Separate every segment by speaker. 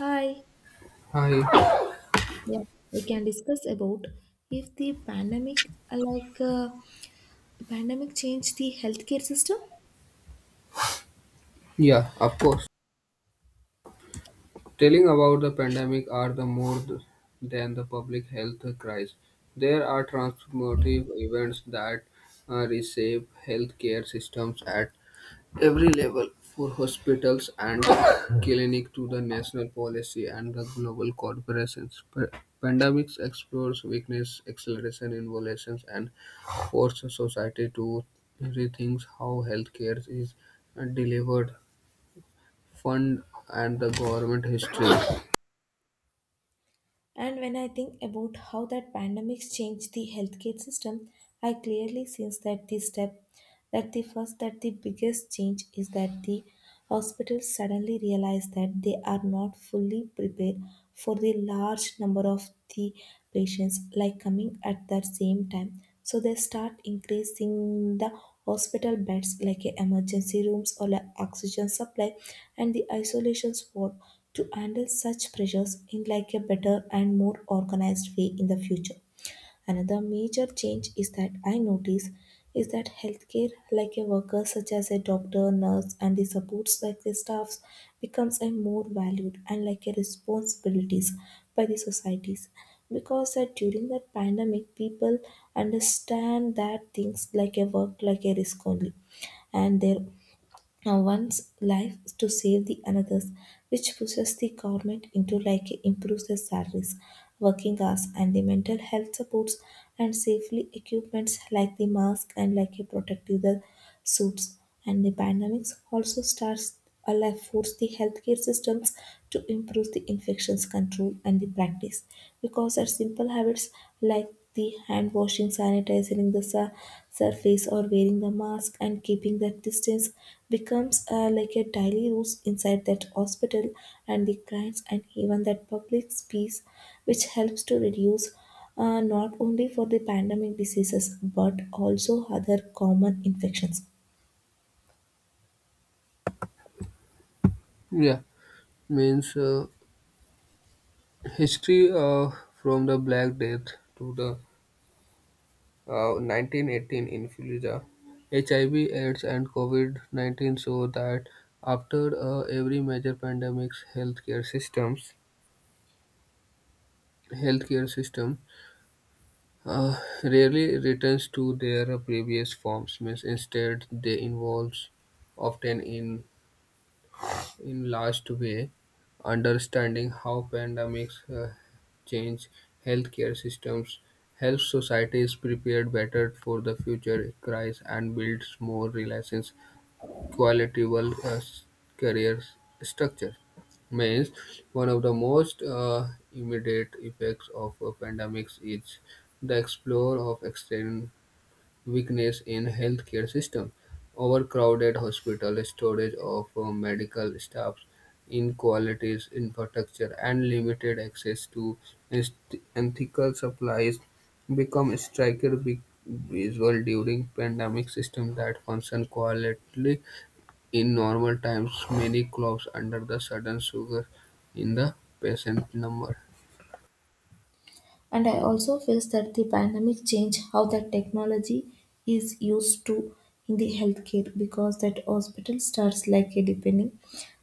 Speaker 1: Hi.
Speaker 2: Hi.
Speaker 1: Yeah, we can discuss about if the pandemic, pandemic, changed the healthcare system.
Speaker 2: Yeah, of course. Telling about the pandemic are the more than the public health crisis. There are transformative events that reshape healthcare systems at every level, for hospitals and clinic to the national policy and the global corporations. Pandemics explores weakness, acceleration, innovations, and forces society to rethink how healthcare is delivered fund and the government history.
Speaker 1: And when I think about how that pandemics changed the healthcare system, I clearly sense that this step that the first that the biggest change is that the hospitals suddenly realize that they are not fully prepared for the large number of the patients like coming at the same time, so they start increasing the hospital beds like a emergency rooms or like oxygen supply and the isolation ward to handle such pressures in like a better and more organized way in the future. Another major change is that healthcare like a worker such as a doctor, nurse and the supports like the staffs becomes a more valued and like a responsibilities by the societies, because that during that pandemic people understand that things like a work like a risk only and their one's life to save the another's, which pushes the government into like improves the salaries, working hours, and the mental health supports and safely equipments like the mask and like a protective the suits. And the pandemics also starts Allah force the healthcare systems to improve the infections control and the practice because our simple habits like the hand washing, sanitizing the surface, or wearing the mask and keeping that distance becomes like a daily rules inside that hospital and the clients and even that public space, which helps to reduce not only for the pandemic diseases but also other common infections.
Speaker 2: Yeah, means history from the Black Death to the 1918 influenza, HIV, AIDS, and COVID 19 show that after every major pandemic's healthcare systems, healthcare system rarely returns to their previous forms. Means instead, they involve often in last way understanding how pandemics change healthcare systems helps societies prepare better for the future crisis and builds more relations qualitable career structure means one of the most immediate effects of a pandemics is the explore of extreme weakness in healthcare system, overcrowded hospital, shortage of medical staff, inequalities in infrastructure, and limited access to ethical supplies become striker visual during pandemic system that function quietly in normal times many clubs under the sudden sugar in the patient number.
Speaker 1: And I also feel that the pandemic changed how that technology is used to in the healthcare because that hospital starts like a depending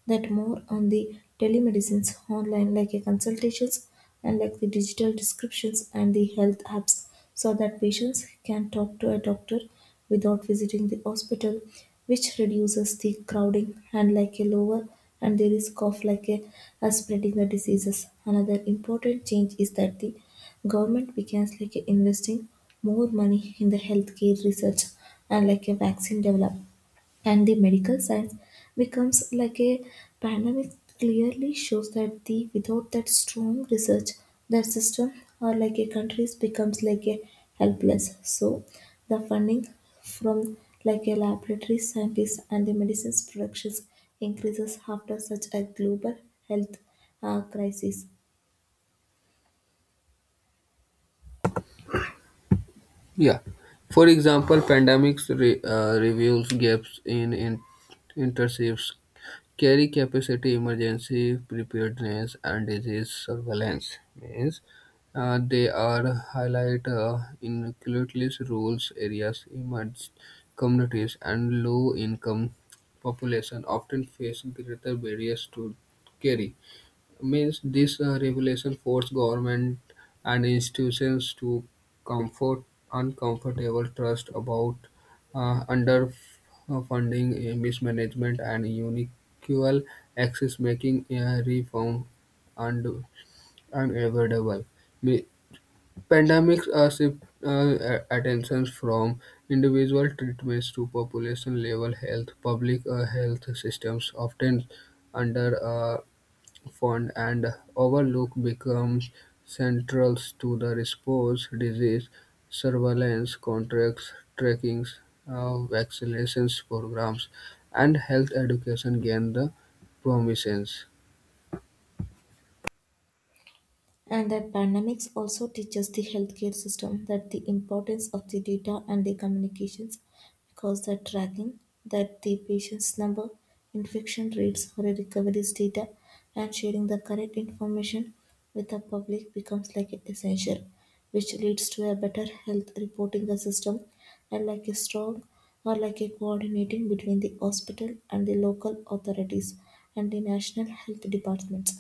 Speaker 1: that more on the telemedicines online like a consultations and like the digital descriptions and the health apps so that patients can talk to a doctor without visiting the hospital, which reduces the crowding and like a lower and the risk of like a spreading the diseases. Another important change is that the government begins like a investing more money in the healthcare research and like a vaccine development and the medical science becomes like a pandemic clearly shows that the without that strong research that system or like a countries becomes like a helpless, so the funding from like a laboratory scientists and the medicines productions increases after such a global health crisis.
Speaker 2: Yeah. For example, pandemics reveals gaps in intercepts, carry capacity, emergency preparedness, and disease surveillance. Means they are highlight inequalities, rural areas, emerged communities, and low-income population often face greater barriers to carry. Means this revelation forced government and institutions to comfort uncomfortable trust about underfunding, mismanagement, and unequal access, making reform und- unavoidable. Me- Pandemics shift attention from individual treatments to population level health. Public health systems often under fund and overlook becomes central to the response: disease surveillance, contract tracking, vaccinations programs, and health education gain the prominence.
Speaker 1: And that pandemics also teaches the healthcare system that the importance of the data and the communications because the tracking that the patient's number, infection rates, or recoveries data and sharing the correct information with the public becomes like an essential, which leads to a better health reporting system and like a strong or like a coordinating between the hospital and the local authorities and the national health departments.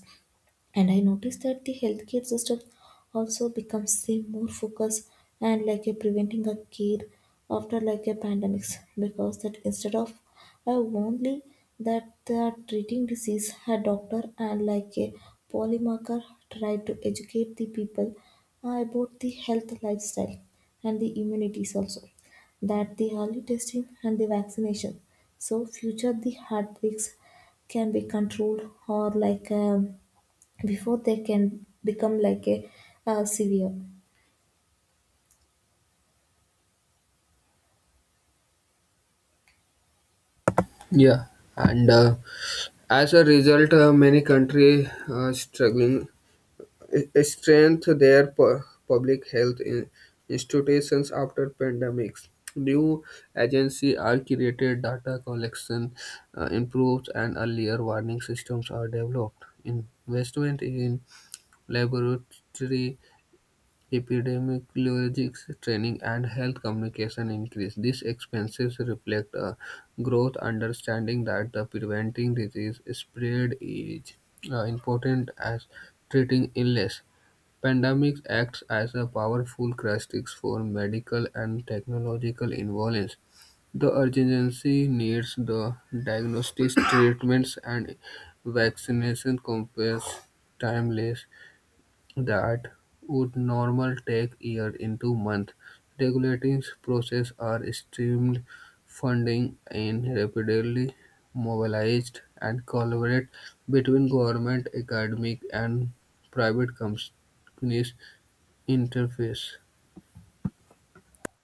Speaker 1: And I noticed that the healthcare system also becomes say more focused and like a preventing a care after like a pandemics because that instead of a only that they are treating disease a doctor and like a polymarker tried to educate the people about the health lifestyle and the immunities also that the early testing and the vaccination so future the heartbreaks can be controlled or before they can become like a severe.
Speaker 2: Yeah, and as a result, many countries are struggling strengthen their public health institutions after pandemics. New agencies are created, data collection improves, and earlier warning systems are developed. Investment in laboratory epidemiologics training and health communication increase. These expenses reflect a growth understanding that the preventing disease spread is important as treating illness. Pandemics acts as a powerful crisis for medical and technological involvement. The urgency needs the diagnostics, treatments, and vaccination compares timeless that would normally take year into month. Regulating processes are streamed, funding in rapidly mobilized, and collaborate between government, academic, and private companies interface.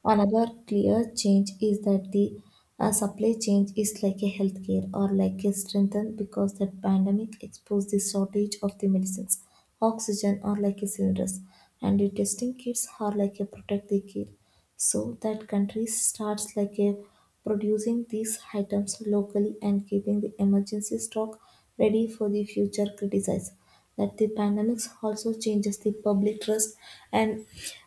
Speaker 1: Another clear change is that the supply chain is like a healthcare or like a strengthened because the pandemic exposed the shortage of the medicines, oxygen or like a cylinders, and the testing kits are like a protect the kid. So that country starts like a producing these items locally and keeping the emergency stock ready for the future criticism. That the pandemics also changes the public trust and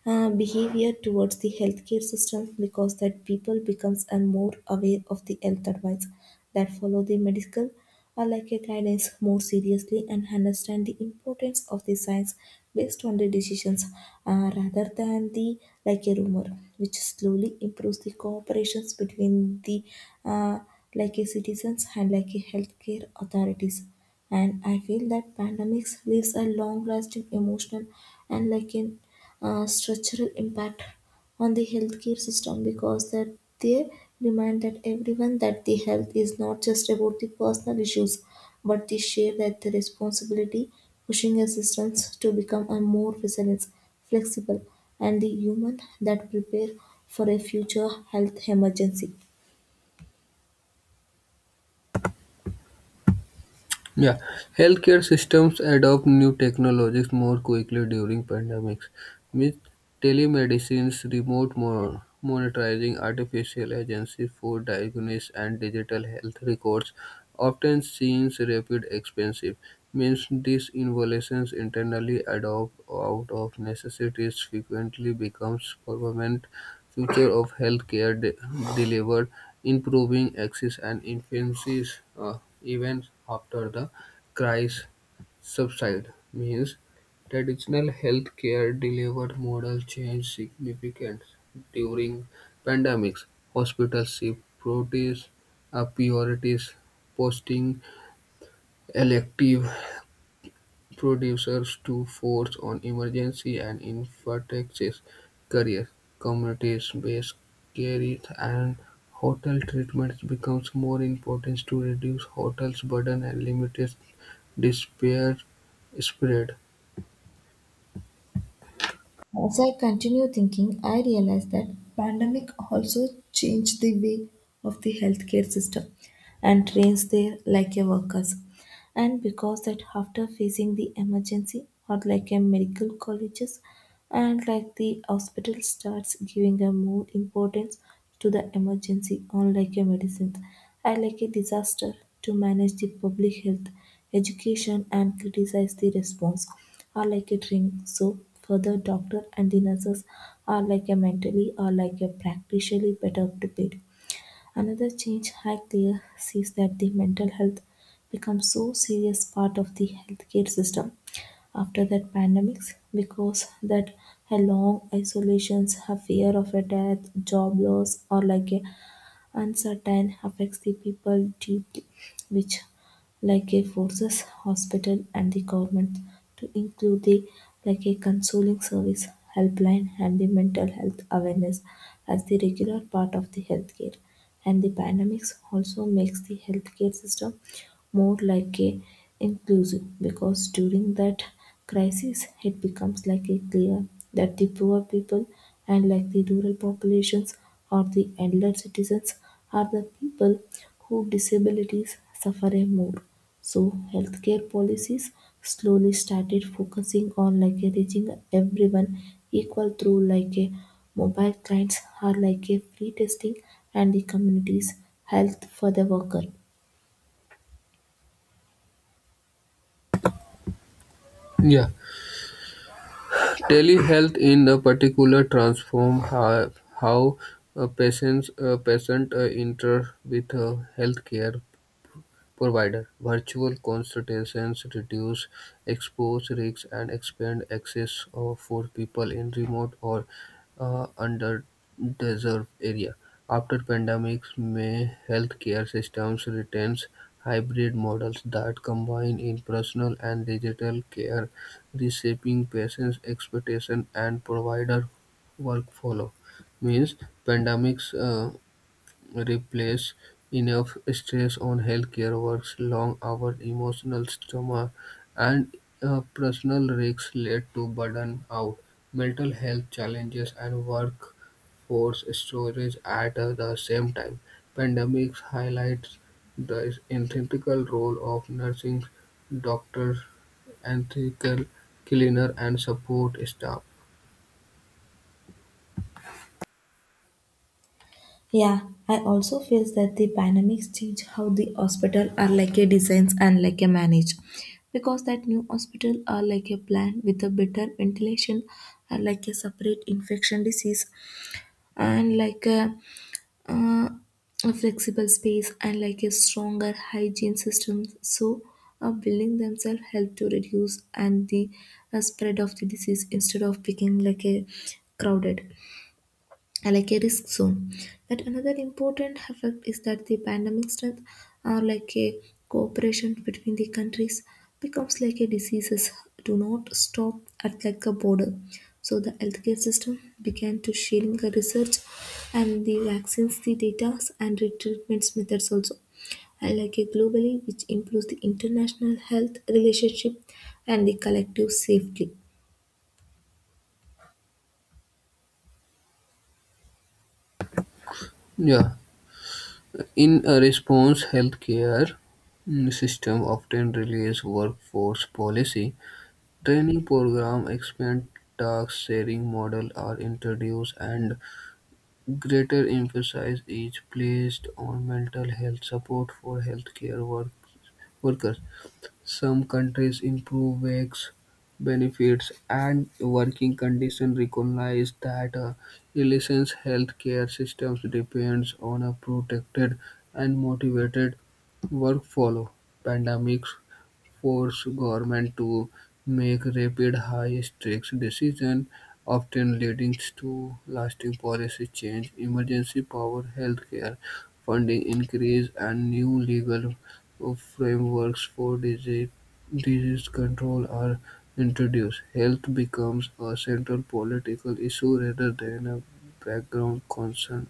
Speaker 1: behavior towards the healthcare system because that people becomes and more aware of the health advice that follow the medical or like a guidance more seriously and understand the importance of the science based on the decisions, rather than the like a rumor, which slowly improves the cooperations between the uh, like a citizens and like a healthcare authorities. And I feel that pandemics leaves a long lasting emotional and like in structural impact on the healthcare system because that they remind that everyone that the health is not just about the personal issues but the share that the responsibility pushing a system to become a more resilient, flexible, and the human that prepare for a future health emergency.
Speaker 2: Yeah, healthcare systems adopt new technologies more quickly during pandemics, with telemedicines, remote monitoring, artificial agency for diagnosis, and digital health records often seen rapid expensive. Means these innovations internally adopt out of necessities frequently becomes permanent future of healthcare delivered, improving access and efficiencies even after the crisis subside. Means traditional healthcare delivered model changed significantly during pandemics. Hospitals shift priorities, uh, priorities posting elective producers to force on emergency and infectious care, communities based care, and hotel treatments becomes more important to reduce hotels burden and limit despair spread.
Speaker 1: As I continue thinking, I realize that pandemic also changed the way of the healthcare system and trains their like a workers and because that after facing the emergency or like a medical colleges and like the hospital starts giving a more importance to the emergency on like a medicine and like a disaster to manage the public health education and criticize the response are like a drink. So further doctor and the nurses are like a mentally or like a practically better prepared. Another change I clear sees that the mental health becomes so serious part of the healthcare system after that pandemics because that a long isolations a fear of a death job loss or like a uncertain affects the people deeply, which like a forces hospital and the government to include the like a consoling service helpline and the mental health awareness as the regular part of the healthcare. And the pandemics also makes the healthcare system more like a inclusive because during that crisis, it becomes likely clear that the poor people and like the rural populations or the elder citizens are the people whose disabilities suffer a more. So healthcare policies slowly started focusing on like a reaching everyone equal through like a mobile clients or like a free testing and the communities health for the worker.
Speaker 2: Yeah, telehealth in the particular transform how patients patient inter with healthcare provider. Virtual consultations reduce exposure risks and expand access for people in remote or underserved area. After pandemics, may healthcare systems retains hybrid models that combine in-personal and digital care, reshaping patients' expectation and provider workflow. Means pandemics. Replace enough stress on healthcare workers, long hours, emotional trauma, and personal risks led to burden out, mental health challenges, and workforce storage at the same time. Pandemics highlights the integral role of nursing, doctors, ethical cleaner, and support staff.
Speaker 1: Yeah, I also feel that the dynamics change how the hospital are like a designs and like a manage. Because that new hospital are like a plan with a better ventilation are like a separate infection disease and like uh, a flexible space and like a stronger hygiene system. So a building themselves help to reduce and the spread of the disease instead of becoming like a crowded are like a risk zone. Yet another important effect is that the pandemic strength are like a cooperation between the countries becomes like a diseases do not stop at like a border. So the healthcare system began to sharing the research and the vaccines, the data and the treatments methods also. And like a globally, which improves the international health relationship and the collective safety.
Speaker 2: Yeah. In a response, healthcare system often release workforce policy, training program, expand task sharing model are introduced, and greater emphasis is placed on mental health support for healthcare workers. Some countries improve wage benefits and working conditions recognize that a resilient healthcare system depends on a protected and motivated workforce. Pandemics force government to make rapid, high-stakes decisions, often leading to lasting policy change, emergency power, healthcare funding increase, and new legal frameworks for disease control are introduced. Health becomes a central political issue rather than a background concern.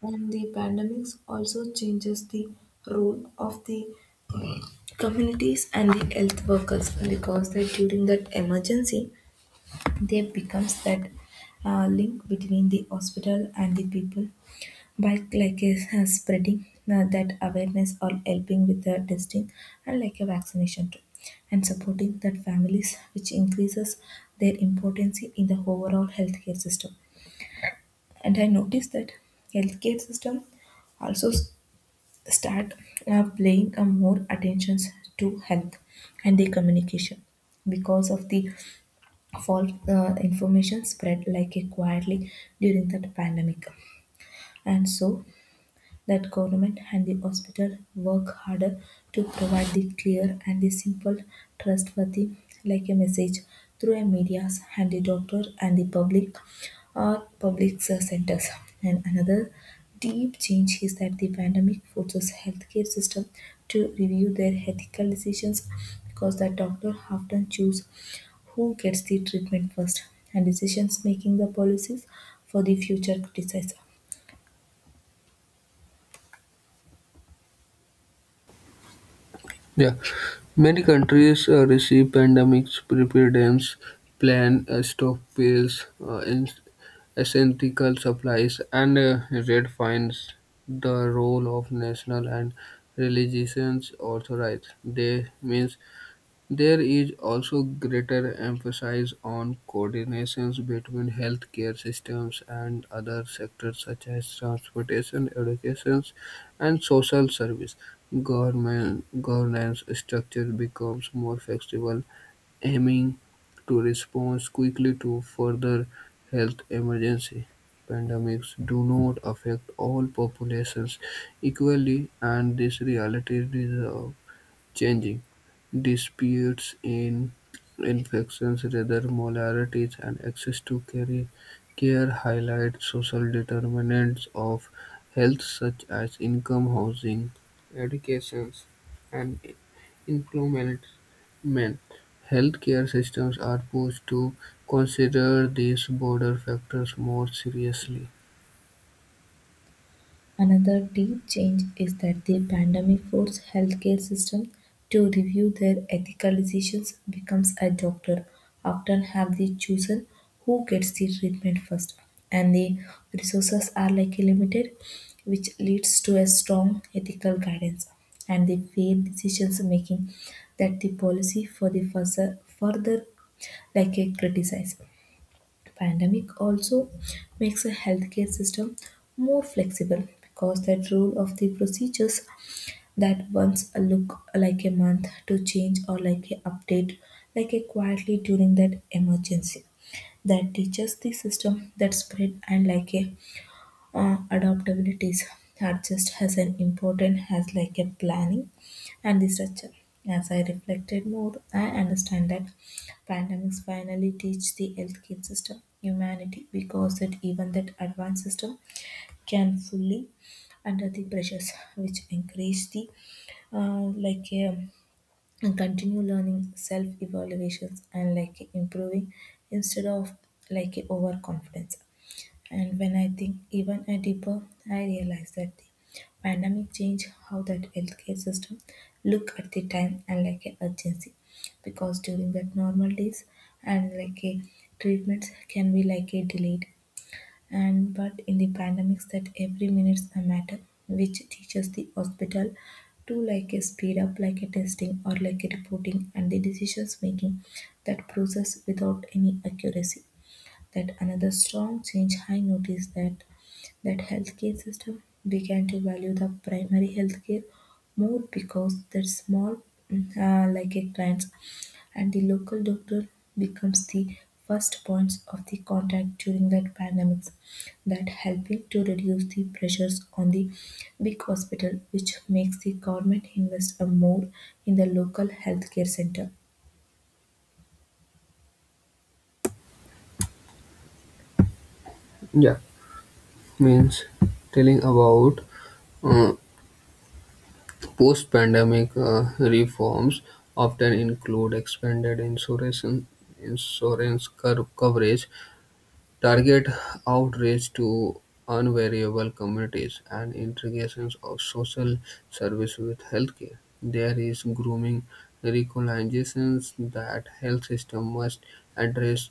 Speaker 1: And the pandemics also changes the role of the communities and the health workers because that during that emergency they becomes that link between the hospital and the people by spreading that awareness or helping with the testing and like a vaccination too and supporting that families which increases their importance in the overall healthcare system. And I noticed that healthcare system also start playing a more attentions to health and the communication because of the false information spread like a quietly during that pandemic and so that government and the hospital work harder to provide the clear and the simple, trustworthy, like a message through a medias and the doctor and the public or public centers. And another deep change is that the pandemic forces healthcare system to review their ethical decisions because the doctor often choose who gets the treatment first and decisions making the policies for the future disease.
Speaker 2: Yeah, many countries receive pandemics preparedness plan, stockpiles, essential supplies, and redefines the role of national and religious authorities. They means there is also greater emphasis on coordination between healthcare systems and other sectors such as transportation, education, and social service. Government governance structure becomes more flexible, aiming to respond quickly to further health emergency. Pandemics do not affect all populations equally, and this reality deserves changing disputes in infections rather molarities and access to care highlight social determinants of health such as income, housing, education, and employment. Healthcare systems are pushed to consider these border factors more seriously.
Speaker 1: Another deep change is that the pandemic forced healthcare systems to review their ethical decisions becomes a doctor often have the chosen who gets the treatment first and the resources are like limited, which leads to a strong ethical guidance and the fair decisions making that the policy for the further, like a criticize. Pandemic also makes a healthcare system more flexible because that rule of the procedures that once a look like a month to change or like a update like a quietly during that emergency that teaches the system that spread and like a adaptability is are just as an important as like a planning and the structure. As I reflected more, I understand that pandemics finally teach the healthcare system humanity because that even that advanced system can fully under the pressures which increase the uh, like um, and continue learning self evaluations and like improving instead of like overconfidence. And when I think even a deeper, I realize that the pandemic changed how that healthcare system look at the time and like an urgency. Because during that normal days and like a treatments can be like a delayed. And but in the pandemics that every minute's a matter, which teaches the hospital to like a speed up like a testing or like a reporting and the decisions making that process without any accuracy. That another strong change I noticed that that healthcare system began to value the primary healthcare more because that small like a clients and the local doctor becomes the first points of the contact during that pandemics that helping to reduce the pressures on the big hospital, which makes the government invest a more in the local healthcare center.
Speaker 2: Yeah, means telling about uh, post-pandemic reforms often include expanded insurance coverage, target outreach to unvariable communities, and integrations of social service with healthcare. There is grooming recognitions that health system must address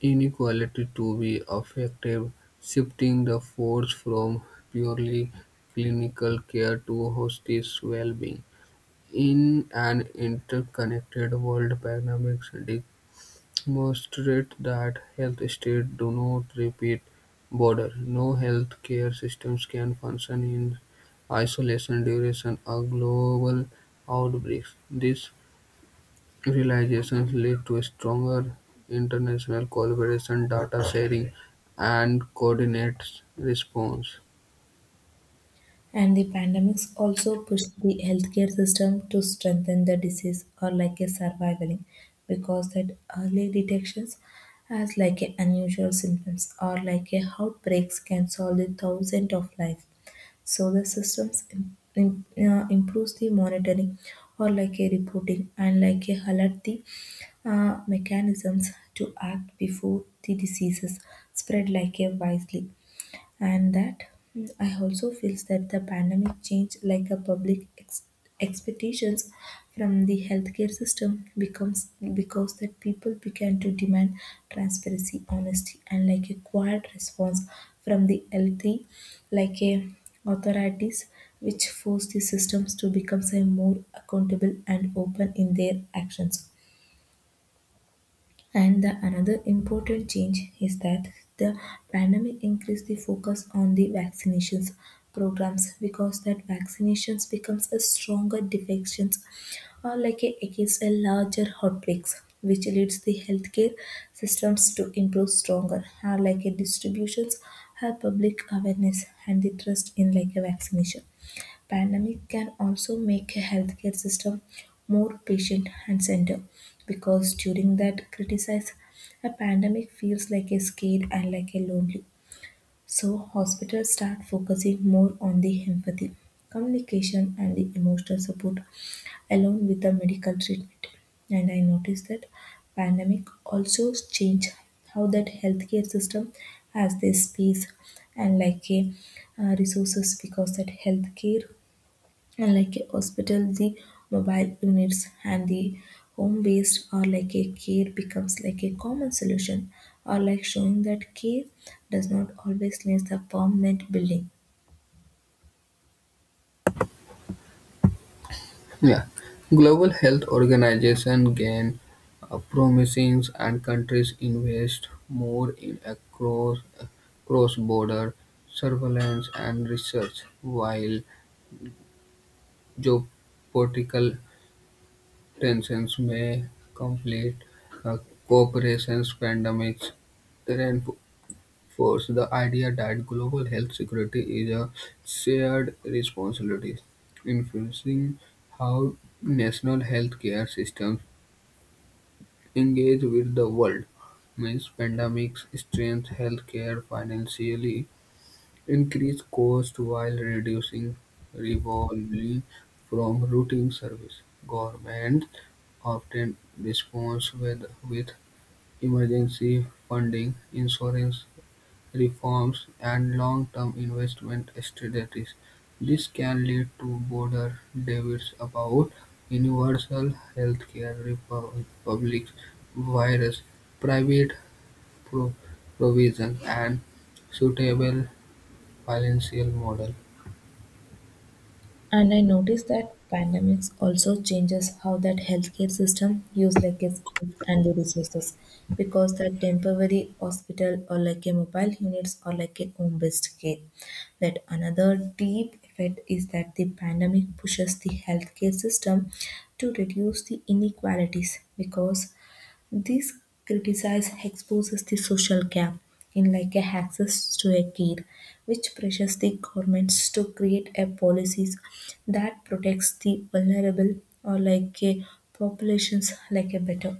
Speaker 2: inequality to be effective, shifting the force from purely clinical care to hospice well-being in an interconnected world. Pandemics demonstrate that health states do not repeat border. No health care systems can function in isolation during a global outbreak. These realizations lead to stronger international collaboration, data sharing, and coordinated response.
Speaker 1: And the pandemics also pushed the healthcare system to strengthen the disease or like a surviving because that early detections as like a unusual symptoms or like a outbreaks can solve the thousand of life. So the systems improves the monitoring or like a reporting and like a alert the mechanisms to act before the diseases spread like a wisely. And that I also feels that the pandemic changed like a public expectations from the healthcare system becomes because that people began to demand transparency, honesty and like a quiet response from the healthy like a authorities, which forced the systems to become say, more accountable and open in their actions. And the another important change is that the pandemic increased the focus on the vaccinations programs because that vaccinations becomes a stronger defections or like a, against a larger outbreaks, which leads the healthcare systems to improve stronger or like a distributions have public awareness and the trust in like a vaccination. Pandemic can also make a healthcare system more patient and centered because during that criticize a pandemic feels like a scared and like a lonely. So hospitals start focusing more on the empathy, communication and the emotional support along with the medical treatment. And I noticed that pandemic also change how that healthcare system has their space and like a resources because that healthcare and like a hospital, the mobile units and the home based or like a care becomes like a common solution or like showing that care does not always need the permanent building.
Speaker 2: Yeah, Global Health Organization gain promising and countries invest more in a cross-border surveillance and research, while geopolitical tensions may complete uh, cooperation's pandemics reinforce the idea that global health security is a shared responsibility, influencing how national healthcare systems engage with the world. Means pandemics strengthen healthcare financially, increase cost while reducing revenue from routine service. Governments often respond with emergency funding, insurance reforms, and long-term investment strategies. This can lead to broader debates about universal healthcare, public virus, private pro- provision, and suitable financial model.
Speaker 1: And I noticed that pandemics also changes how that healthcare system use like its skills and the resources because that temporary hospital or like a mobile units or like a home-based care. That another deep effect is that the pandemic pushes the healthcare system to reduce the inequalities because this criticise exposes the social gap in like a access to a care, which pressures the governments to create a policies that protects the vulnerable or like a populations like a better.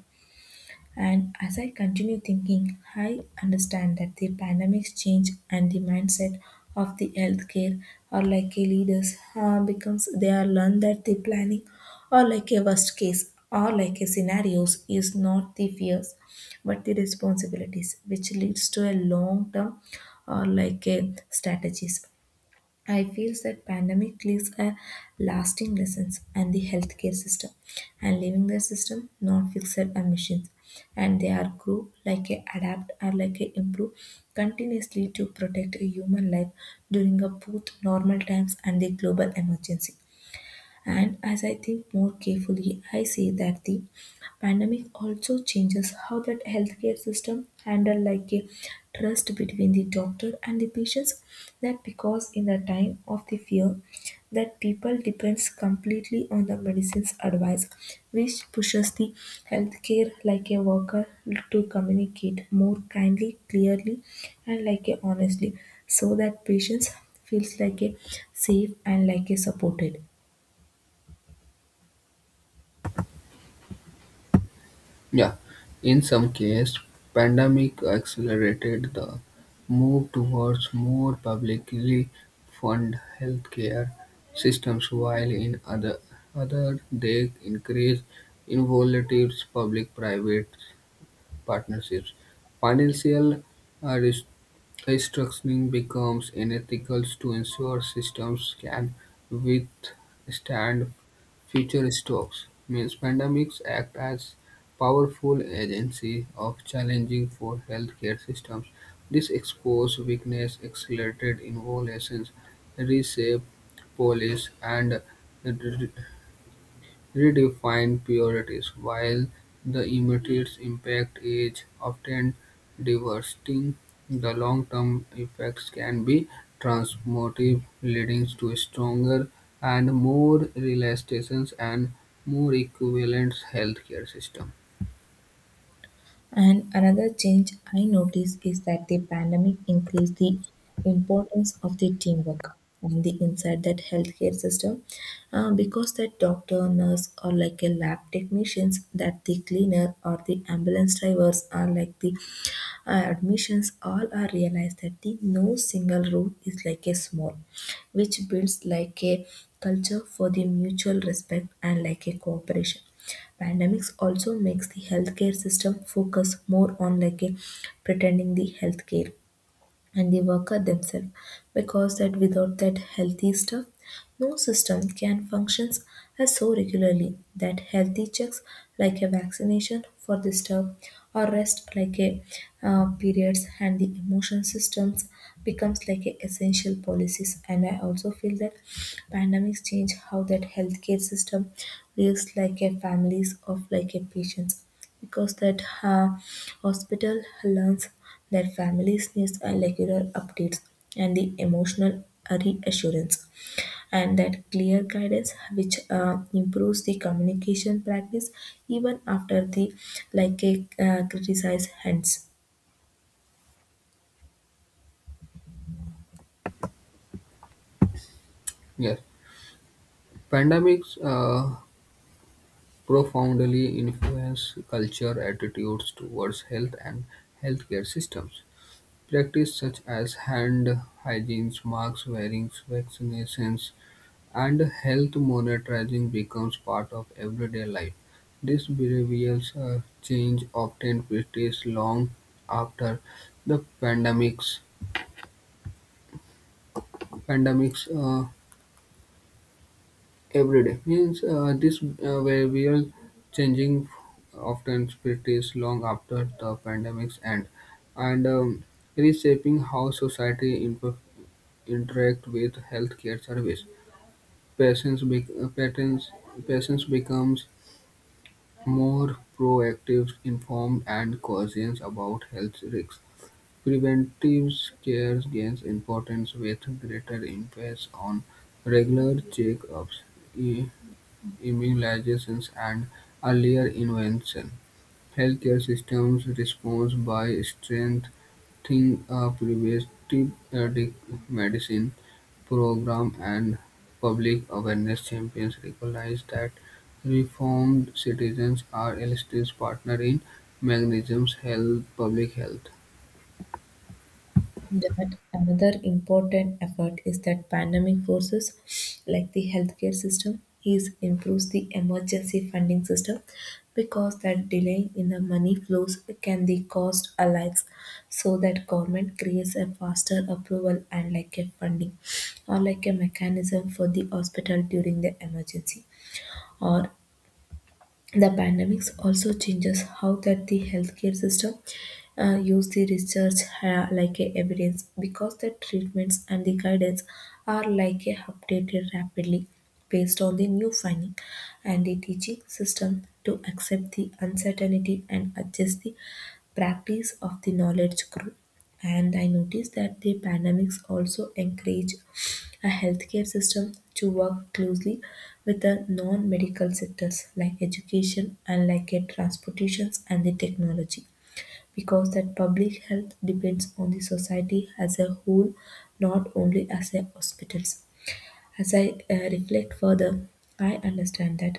Speaker 1: And as I continue thinking, I understand that the pandemics change and the mindset of the healthcare or like a leaders becomes they are learned that the planning or like a worst case or like a scenarios is not the fears but the responsibilities, which leads to a long term or like a strategies. I feel that pandemic leaves a lasting lessons and the healthcare system and leaving the system not fixed and machines, and they are grow like a adapt or like a improve continuously to protect a human life during a both normal times and the global emergency. And as I think more carefully, I see that the pandemic also changes how that healthcare system handle like a trust between the doctor and the patients. That because in the time of the fear, that people depends completely on the medicine's advice, which pushes the healthcare like a worker to communicate more kindly, clearly, and like a honestly, so that patients feels like a safe and like a supported.
Speaker 2: Yeah, in some cases, pandemic accelerated the move towards more publicly funded healthcare systems, while in other they increased involved public-private partnerships, financial uh, rest- restructuring becomes unethical to ensure systems can withstand future strokes. Means pandemics act as powerful agency of challenging for healthcare systems. This exposed weakness accelerated innovations, reshape policies, and redefine priorities. While the immediate impact is often devastating, the long-term effects can be transformative, leading to stronger and more resilient and more equivalent healthcare system.
Speaker 1: And another change I notice is that the pandemic increased the importance of the teamwork and the inside that healthcare system because that doctor, nurse or like a lab technicians, that the cleaner or the ambulance drivers are like the admissions, all are realized that the no single rule is like a small, which builds like a culture for the mutual respect and like a cooperation. Pandemics also makes the healthcare system focus more on like a pretending the healthcare and the worker themselves because that without that healthy stuff no system can functions. As so regularly that healthy checks like a vaccination for the stuff or rest like a periods and the emotion systems becomes like a essential policies. And I also feel that pandemics change how that healthcare system reacts like a families of like a patients because that hospital learns their families need a regular updates and the emotional reassurance and that clear guidance, which improves the communication practice even after the like a criticized hands.
Speaker 2: Yes, pandemics profoundly influence culture attitudes towards health and healthcare systems. Practices such as hand hygiene, mask wearing, vaccinations, and health monitoring becomes part of everyday life. This behavioral change often persists long after the pandemics. Pandemics every day means this behavioral changing often persists long after the pandemics end, and reshaping how society interact with healthcare service. Patients become more proactive, informed, and cautious about health risks. Preventive care gains importance with greater emphasis on regular checkups, i- immunizations, and earlier intervention. Healthcare systems respond by strengthening a preventive medicine program and public awareness campaigns recognize that reformed citizens are illustrious partner in Magnesium's health public health.
Speaker 1: That another important effort is that pandemic forces like the healthcare system is improves the emergency funding system because that delay in the money flows can the cost alike, so that government creates a faster approval and like a funding or like a mechanism for the hospital during the emergency. Or the pandemics also changes how that the healthcare system use the research like a evidence because the treatments and the guidance are like a updated rapidly based on the new finding and the teaching system to accept the uncertainty and adjust the practice of the knowledge group. And I noticed that the pandemics also encourage a healthcare system to work closely with the non-medical sectors like education and like transportations and the technology because that public health depends on the society as a whole, not only as a hospitals. As I reflect further, I understand that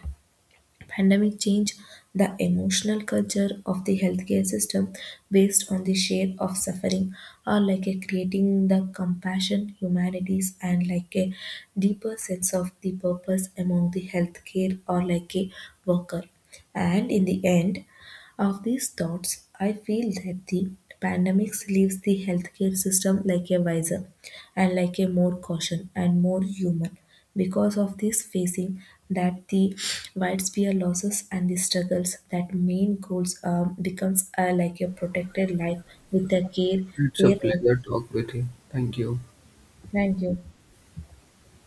Speaker 1: pandemic changed the emotional culture of the healthcare system based on the share of suffering or like a creating the compassion, humanities and like a deeper sense of the purpose among the healthcare or like a worker. And in the end of these thoughts, I feel that the pandemic leaves the healthcare system like a wiser and like a more caution and more human because of this facing that the widespread losses and the struggles, that main goals becomes like a protected life with the care,
Speaker 2: It's a
Speaker 1: fairness.
Speaker 2: pleasure talk with you. Thank you.
Speaker 1: Thank you.